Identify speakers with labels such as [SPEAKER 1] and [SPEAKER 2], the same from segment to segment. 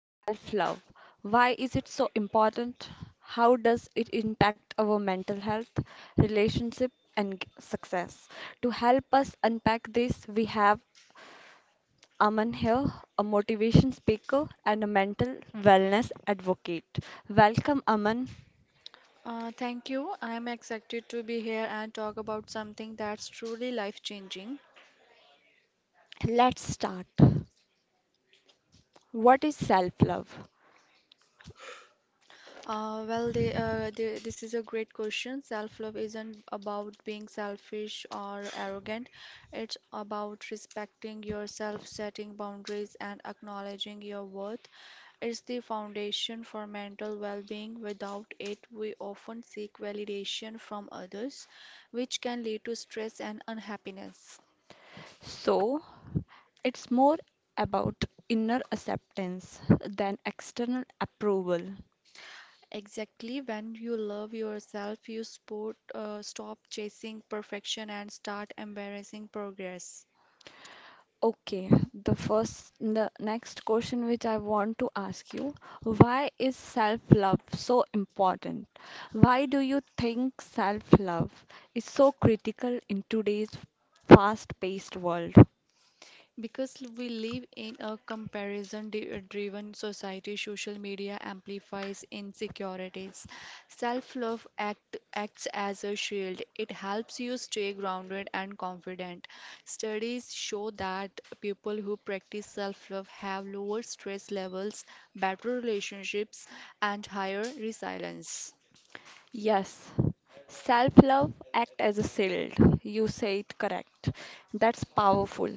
[SPEAKER 1] self-love. Why is it so important? How does it impact our mental health, relationship and success? To help us unpack this, we have Aman here, a motivation speaker and a mental wellness advocate. Welcome, Aman.
[SPEAKER 2] Thank you. I am excited to be here and talk about something that's truly life-changing.
[SPEAKER 1] Let's start. What is self love?
[SPEAKER 2] Well, this is a great question. Self-love isn't about being selfish or arrogant. It's about respecting yourself, setting boundaries, and acknowledging your worth. It's the foundation for mental well-being. Without it, we often seek validation from others, which can lead to stress and unhappiness.
[SPEAKER 1] So, it's more about inner acceptance than external approval.
[SPEAKER 2] Exactly, when you love yourself, you stop chasing perfection and start embracing progress.
[SPEAKER 1] Okay, the next question which I want to ask you, why is self-love so important? Why do you think self-love is so critical in today's fast-paced world?
[SPEAKER 2] Because we live in a comparison driven society, social media amplifies insecurities. Self love acts as a shield. It helps you stay grounded and confident. Studies show that people who practice self love have lower stress levels, better relationships, and higher resilience.
[SPEAKER 1] Yes, self-love act as a shield. You say it correct. That's powerful.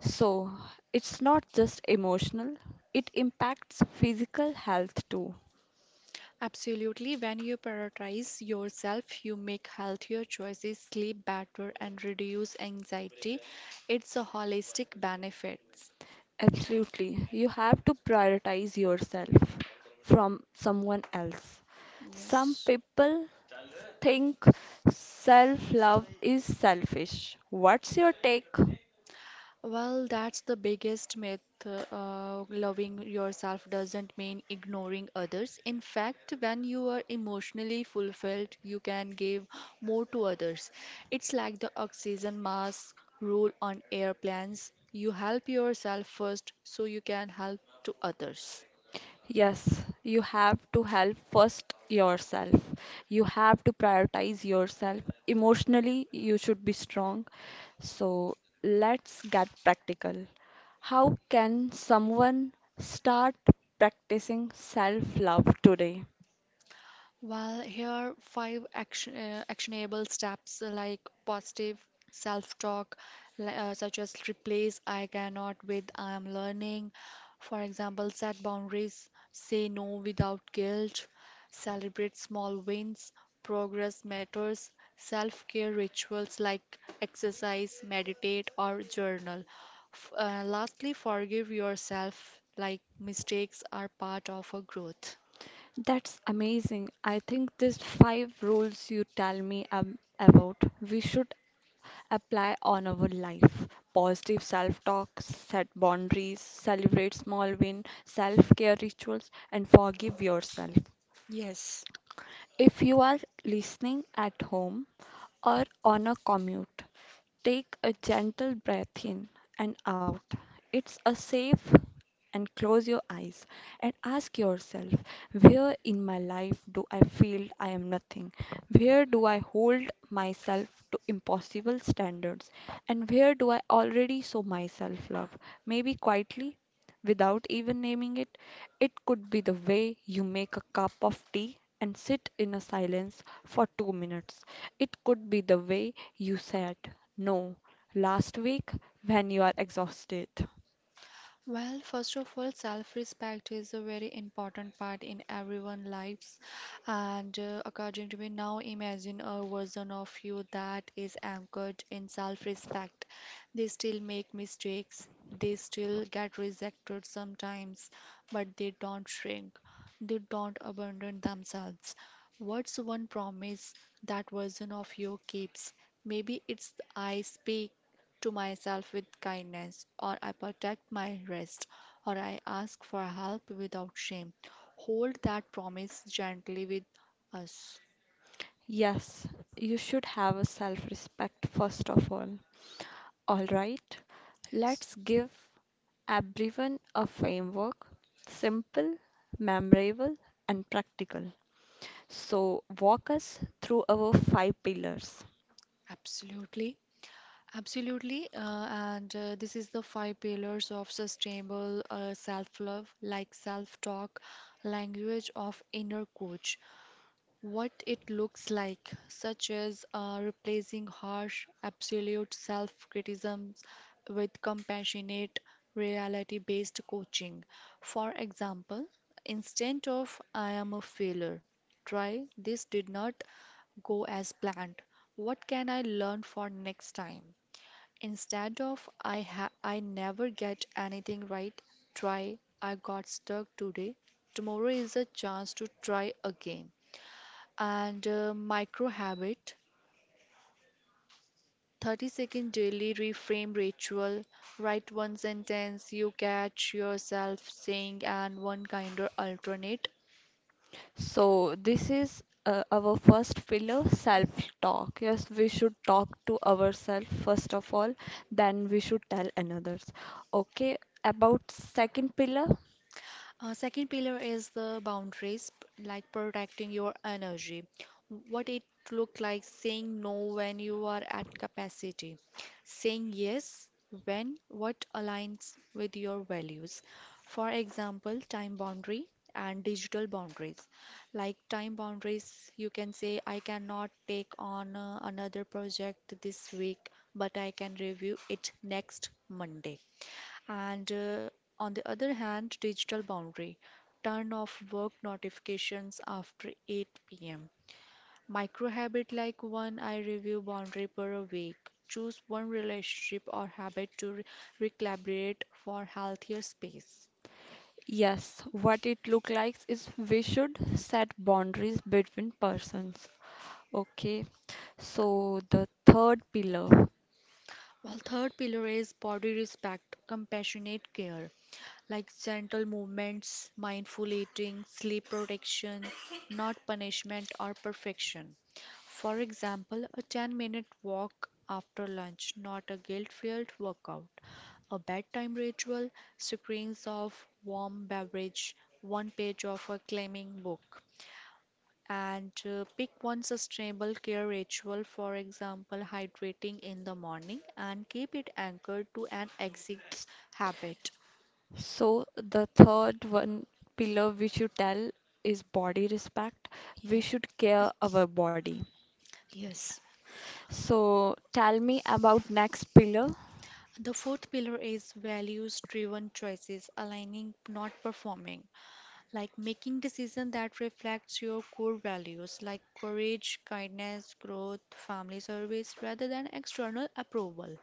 [SPEAKER 1] So, it's not just emotional, it impacts physical health too.
[SPEAKER 2] Absolutely, when you prioritize yourself, you make healthier choices, sleep better, and reduce anxiety. It's a holistic benefits.
[SPEAKER 1] Absolutely. You have to prioritize yourself from someone else. Some
[SPEAKER 2] Yes.
[SPEAKER 1] people think self love is selfish. What's your take?
[SPEAKER 2] Well, that's the biggest myth. Loving yourself doesn't mean ignoring others. In fact, when you are emotionally fulfilled, you can give more to others. It's like the oxygen mask rule on airplanes. You help yourself first so you can help to others.
[SPEAKER 1] Yes, you have to help first yourself. You have to prioritize yourself. Emotionally, you should be strong. So let's get practical. How can someone start practicing self love today?
[SPEAKER 2] Well, here are five actionable steps, like positive self-talk, such as replace I cannot with I am learning. For example, set boundaries, say no without guilt, celebrate small wins, progress matters, self-care rituals like exercise, meditate, or journal. F Lastly, forgive yourself, like mistakes are part of a growth.
[SPEAKER 1] That's amazing. I think these five rules you tell me about, we should apply on our life. Positive self-talk, set boundaries, celebrate small win, self-care rituals, and forgive yourself.
[SPEAKER 2] Yes.
[SPEAKER 1] If you are listening at home or on a commute, take a gentle breath in and out. It's a safe, and close your eyes and ask yourself, where in my life do I feel I am nothing? Where do I hold myself to impossible standards? And where do I already show myself love? Maybe quietly, without even naming it, it could be the way you make a cup of tea and sit in a silence for 2 minutes. It could be the way you said no last week when you are exhausted.
[SPEAKER 2] Well, first of all, self-respect is a very important part in everyone's lives. And according to me, now imagine a version of you that is anchored in self-respect. They still make mistakes, they still get rejected sometimes, but they don't shrink, they don't abandon themselves. What's one promise that version of you keeps? Maybe it's I speak to myself with kindness, or I protect my rest, or I ask for help without shame. Hold that promise gently with us.
[SPEAKER 1] Yes, you should have a self respect first of all. All right,
[SPEAKER 2] Yes,
[SPEAKER 1] let's give everyone a framework simple, memorable, and practical. So, walk us through our five pillars.
[SPEAKER 2] absolutely. Absolutely, and this is the five pillars of sustainable self love, like self talk, language of inner coach, what it looks like, such as replacing harsh, absolute self criticisms with compassionate, reality based coaching. For example, instead of I am a failure, try this did not go as planned. What can I learn for next time? Instead of I never get anything right, try I got stuck today. Tomorrow is a chance to try again and micro habit 30-second daily reframe ritual write one sentence you catch yourself saying and one kind of alternate.
[SPEAKER 1] So, this is our first pillar self-talk. Yes, we should talk to ourselves first of all, then we should tell another's. Okay, about second pillar,
[SPEAKER 2] Second pillar is the boundaries, like protecting your energy. What it look like saying no when you are at capacity, saying yes when what aligns with your values. For example, time boundary and digital boundaries. Like time boundaries, you can say I cannot take on another project this week, but I can review it next Monday. And on the other hand, digital boundary. Turn off work notifications after 8 pm. Micro habit like one I review boundary per a week. Choose one relationship or habit to recalibrate for healthier space.
[SPEAKER 1] yes, what it look like is we should set boundaries between persons. Okay, so the third pillar.
[SPEAKER 2] While third pillar is body respect, compassionate care, like gentle movements, mindful eating, sleep protection, not punishment or perfection. For example, a 10-minute walk after lunch, not a guilt filled workout. A bedtime ritual, screens of warm beverage, one page of a claiming book. And pick one sustainable care ritual, for example, hydrating in the morning, and keep it anchored to an exit habit.
[SPEAKER 1] So the third one pillar we should tell is body respect. We
[SPEAKER 2] Yes,
[SPEAKER 1] should care our body.
[SPEAKER 2] yes.
[SPEAKER 1] So tell me about next pillar.
[SPEAKER 2] The fourth pillar is values driven choices, aligning, not performing. Like making decisions that reflects your core values, like courage, kindness, growth, family service, rather than external approval.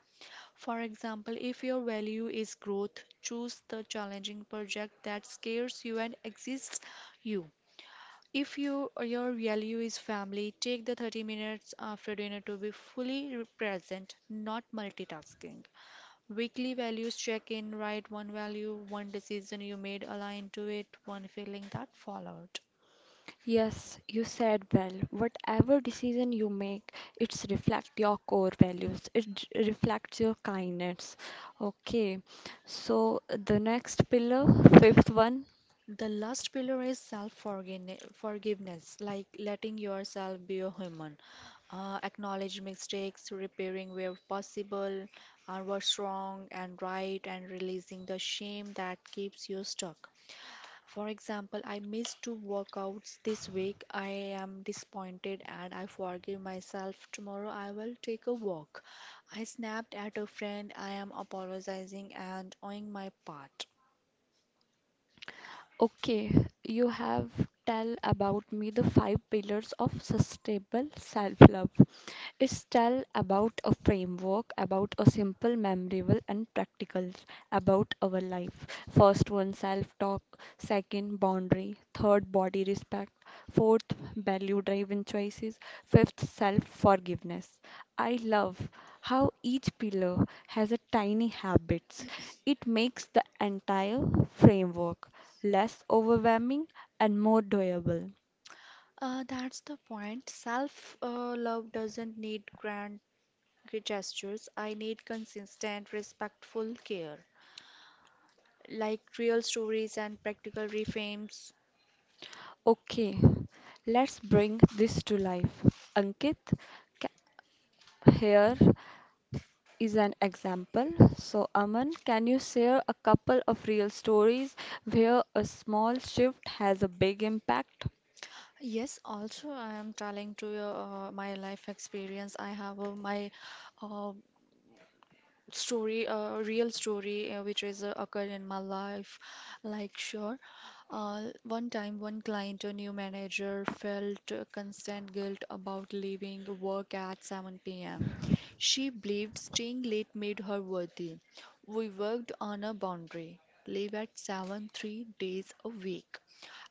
[SPEAKER 2] For example, if your value is growth, choose the challenging project that scares you and excites you. If your value is family, take the 30 minutes after dinner to be fully present, not multitasking. Weekly values check in, write one value, one decision you made, align to it, one feeling that followed.
[SPEAKER 1] Yes, you said well. Whatever decision you make, it's reflect your core values. It reflects your kindness. Okay. So the next pillar, fifth one.
[SPEAKER 2] The last pillar is self-forgiveness, like letting yourself be a human. Acknowledge mistakes, repairing where possible, what's wrong and right, and releasing the shame that keeps you stuck. For example, I missed two workouts this week. I am disappointed and I forgive myself. Tomorrow I will take a walk. I snapped at a friend. I am apologizing and owning my part.
[SPEAKER 1] Okay, you have tell about me the five pillars of sustainable self-love. It's tell about a framework, about a simple, memorable, and practicals about our life. First one, self-talk. Second, boundary. Third, body respect. Fourth, value-driven choices. Fifth, self-forgiveness. I love how each pillar has a tiny habits. It makes the entire framework less overwhelming and more doable.
[SPEAKER 2] That's the point. Self love doesn't need grand gestures. I need consistent, respectful care, like real stories and practical reframes.
[SPEAKER 1] Okay, let's bring this to life. Ankit, ca- here is an example. So, Aman, can you share a couple of real stories where a small shift has a big impact?
[SPEAKER 2] Yes, also I am telling to my life experience. I have my uh, story, a real story which is occurred in my life. Like, sure, one time one client, a new manager, felt constant guilt about leaving work at 7 p.m. She believed staying late made her worthy. We worked on a boundary. Leave at 7 3 days a week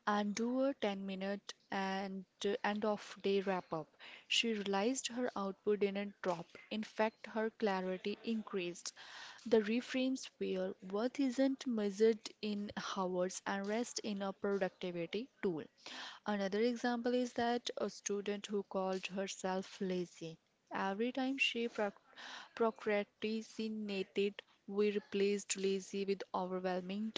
[SPEAKER 2] and do a 10 minute and end of day wrap up. She realized her output didn't drop. In fact, her clarity increased. The reframes were worth isn't measured in hours and rest in a productivity tool. Another example is that a student who called herself lazy. Every time she procrastinated, we replaced lazy with overwhelming.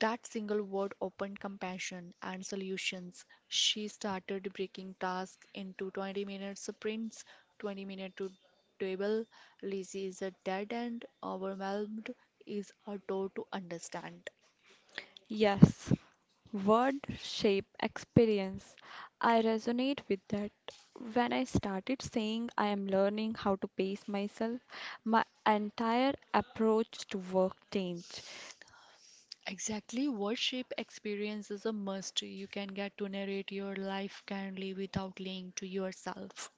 [SPEAKER 2] That single word opened compassion and solutions. She started breaking tasks into 20-minute sprints, 20 minute to table. Lizzie is a dead end, overwhelmed is a door to understand.
[SPEAKER 1] Yes, word, shape, experience. I resonate with that. When I started saying I am learning how to pace myself, my entire approach to work changed.
[SPEAKER 2] Exactly, worship experience is a must. You can get to narrate your life kindly without lying to yourself.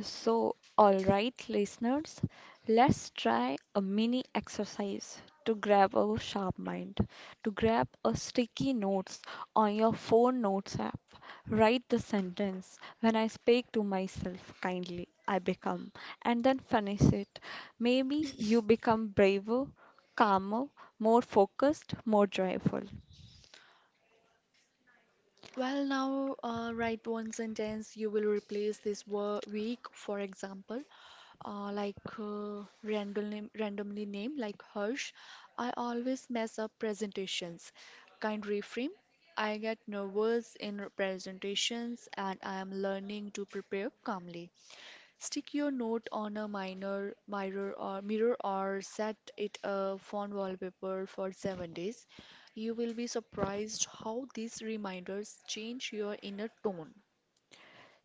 [SPEAKER 1] So, all right, listeners, let's try a mini exercise to grab our sharp mind. To grab a sticky notes on your phone notes app, write the sentence when I speak to myself kindly, I become, and then finish it. Maybe you become braver, calmer, more focused, more joyful.
[SPEAKER 2] Well, now write one sentence. You will replace this word week, for example, like randomly name like Harsh. I always mess up presentations. Kind reframe. I get nervous in presentations, and I am learning to prepare calmly. Stick your note on a minor mirror or mirror or set it a phone wallpaper for 7 days. You will be surprised how these reminders change your inner tone.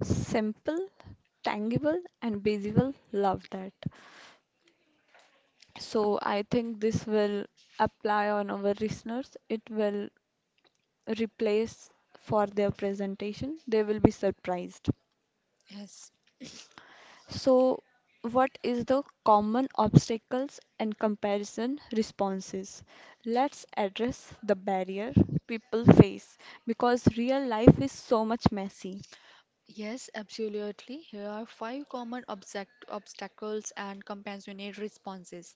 [SPEAKER 1] Simple, tangible, and visible. Love that. So I think this will apply on our listeners. It will replace for their presentation. They will be surprised.
[SPEAKER 2] Yes,
[SPEAKER 1] So what is the common obstacles and comparison responses? Let's address the barrier people face because real life is so much messy.
[SPEAKER 2] yes, absolutely. Here are five common obstacles and compassionate responses.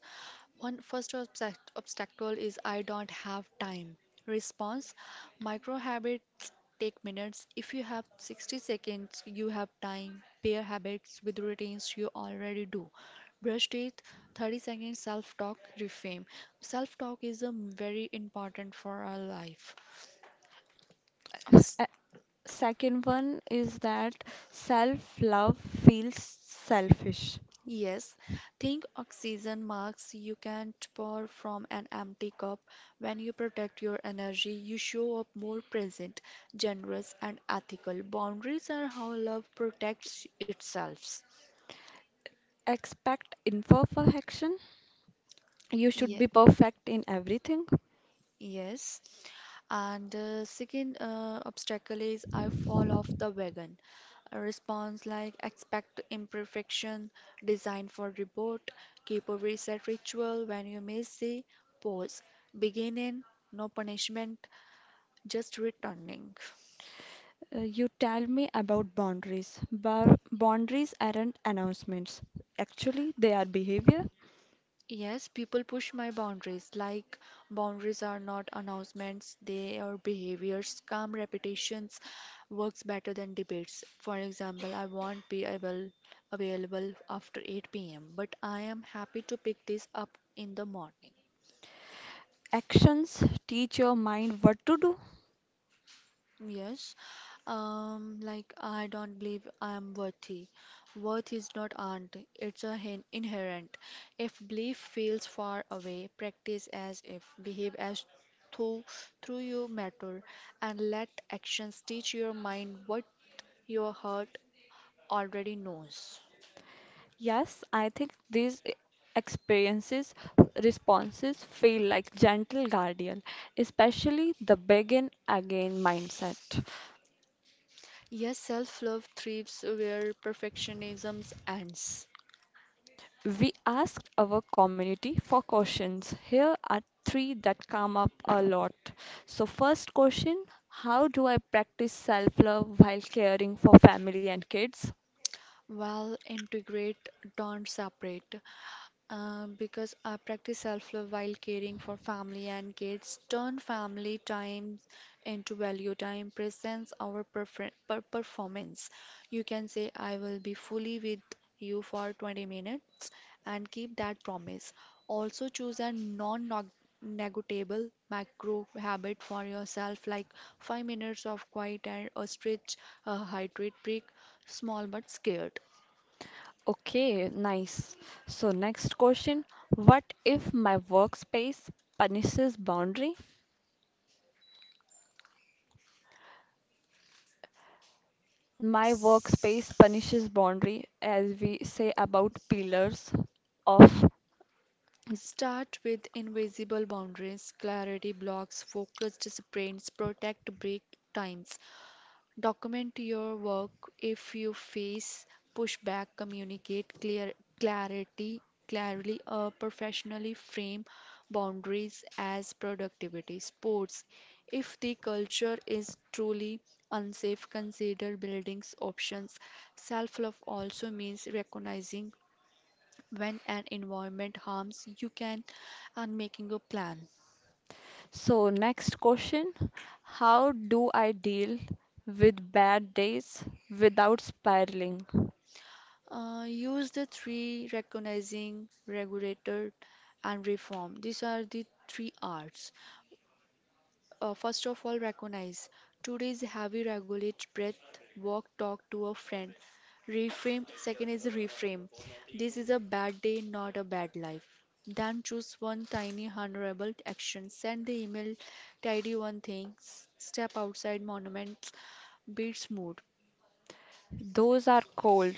[SPEAKER 2] One first obstacle is I don't have time. Response: micro habits take minutes. If you have 60 seconds, you have time. Pair habits with routines you already do. Brush teeth, 30 seconds self talk, reframe. Self talk is very important for our life. Obs-
[SPEAKER 1] A- Second one is that self love feels selfish.
[SPEAKER 2] Yes, think oxygen marks. You can't pour from an empty cup. When you protect your energy, you show up more present, generous, and ethical. Boundaries are how love protects itself.
[SPEAKER 1] Expect imperfection. You should
[SPEAKER 2] Yes.
[SPEAKER 1] be perfect in everything.
[SPEAKER 2] Yes. And second obstacle is I fall off the wagon. A response like expect imperfection, design for report, keep a reset ritual when you miss the pause, begin in, no punishment, just returning.
[SPEAKER 1] You tell me about boundaries. Boundaries aren't announcements. Actually, they are behavior.
[SPEAKER 2] Yes, people push my boundaries. Like, boundaries are not announcements, they are behaviors. Calm repetitions works better than debates. For example, I won't be able, available after 8 p.m., but I am happy to pick this up in the morning.
[SPEAKER 1] Actions teach your mind what to do.
[SPEAKER 2] Yes, like I don't believe I am worthy. Worth is not earned, it's a inherent. If belief feels far away, practice as if, behave as though through you matter, and let actions teach your mind what your heart already knows.
[SPEAKER 1] Yes, I think these experiences, responses feel like gentle guardian, especially the begin again mindset.
[SPEAKER 2] Yes, self love thrives where perfectionism ends.
[SPEAKER 1] We asked our community for questions. Here are three that come up a lot. So, first question, how do I practice self love while caring for family and kids?
[SPEAKER 2] While integrate, don't separate. Because I practice self-love while caring for family and kids. Turn family time into value time, presents our performance. You can say, I will be fully with you for 20 minutes and keep that promise. Also, choose a non negotiable macro habit for yourself, like 5 minutes of quiet and a stretch, a hydrate break, small but scared.
[SPEAKER 1] Okay, nice. So, next question, what if my workspace punishes boundary? My workspace punishes boundary as we say about pillars of.
[SPEAKER 2] Start with invisible boundaries, clarity blocks, focused sprints, protect break times. Document your work. If you face pushback, communicate clarity clearly, professionally frame boundaries as productivity sports. If the culture is truly unsafe, consider buildings options. Self love also means recognizing when an environment harms, you can, and making a plan.
[SPEAKER 1] So, next question, how do I deal with bad days without spiraling?
[SPEAKER 2] Use the three recognizing, regulator, and reform. These are the three R's. First of all, recognize. Today's heavy regulate breath, walk, talk to a friend. Reframe. Second is reframe. This is a bad day, not a bad life. Then choose one tiny honorable action. Send the email, tidy one thing, step outside monuments, beats mood.
[SPEAKER 1] Those are cold,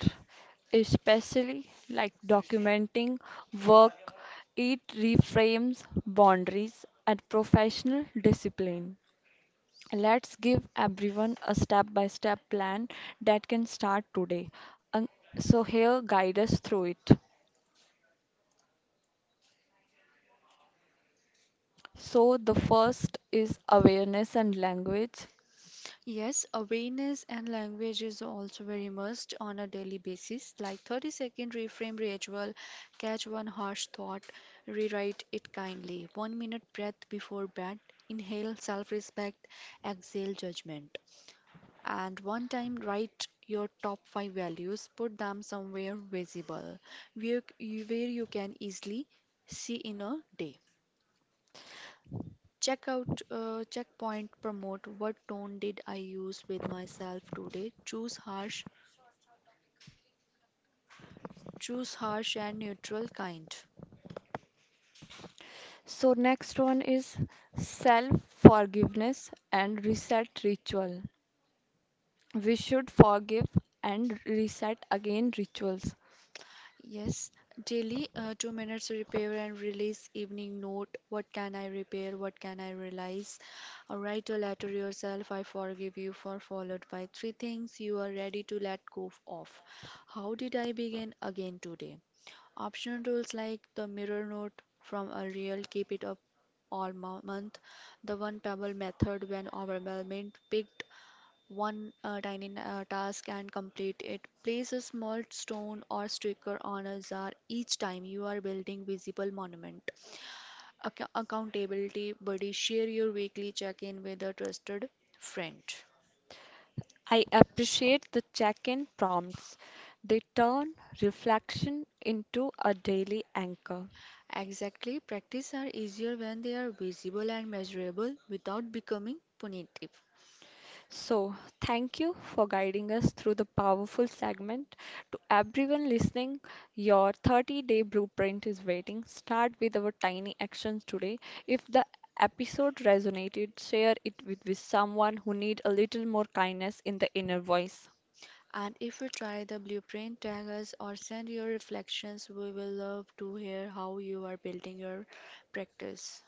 [SPEAKER 1] especially like documenting work, it reframes boundaries and professional discipline. Let's give everyone a step by step plan that can start today. And so, here, guide us through it. So, the first is awareness and language.
[SPEAKER 2] Yes, awareness and language is also very must on a daily basis, like 30-second reframe ritual, catch one harsh thought, rewrite it kindly, 1 minute breath before bed, inhale self respect, exhale judgment, and one time write your top five values, put them somewhere visible where, where you can easily see in a day. Checkpoint promote what tone did I use with myself today? Choose harsh and neutral kind.
[SPEAKER 1] So, next one is self forgiveness and reset ritual. We should forgive and reset again rituals.
[SPEAKER 2] Yes, daily, 2 minutes repair and release evening note. What can I repair? What can I realize? Write a letter yourself. I forgive you for followed by three things you are ready to let go of. How did I begin again today? Optional tools like the mirror note from a real keep it up all month, the one pebble method when overwhelmed, picked one tiny task and complete it. Place a small stone or sticker on a jar each time you are building visible monument. Accountability buddy, share your weekly check-in with a trusted friend.
[SPEAKER 1] I appreciate the check in prompts, they turn reflection into a daily anchor.
[SPEAKER 2] Exactly, practice are easier when they are visible and measurable without becoming punitive.
[SPEAKER 1] So, thank you for guiding us through the powerful segment. To everyone listening, your 30-day blueprint is waiting. Start with our tiny actions today. If the episode resonated, share it with someone who needs a little more kindness in the inner voice.
[SPEAKER 2] And if you try the blueprint, tag us or send your reflections. We will love to hear how you are building your practice.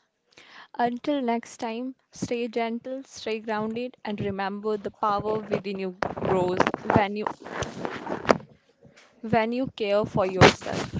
[SPEAKER 1] Until next time, stay gentle, stay grounded, and remember the power within you grows when you care for yourself.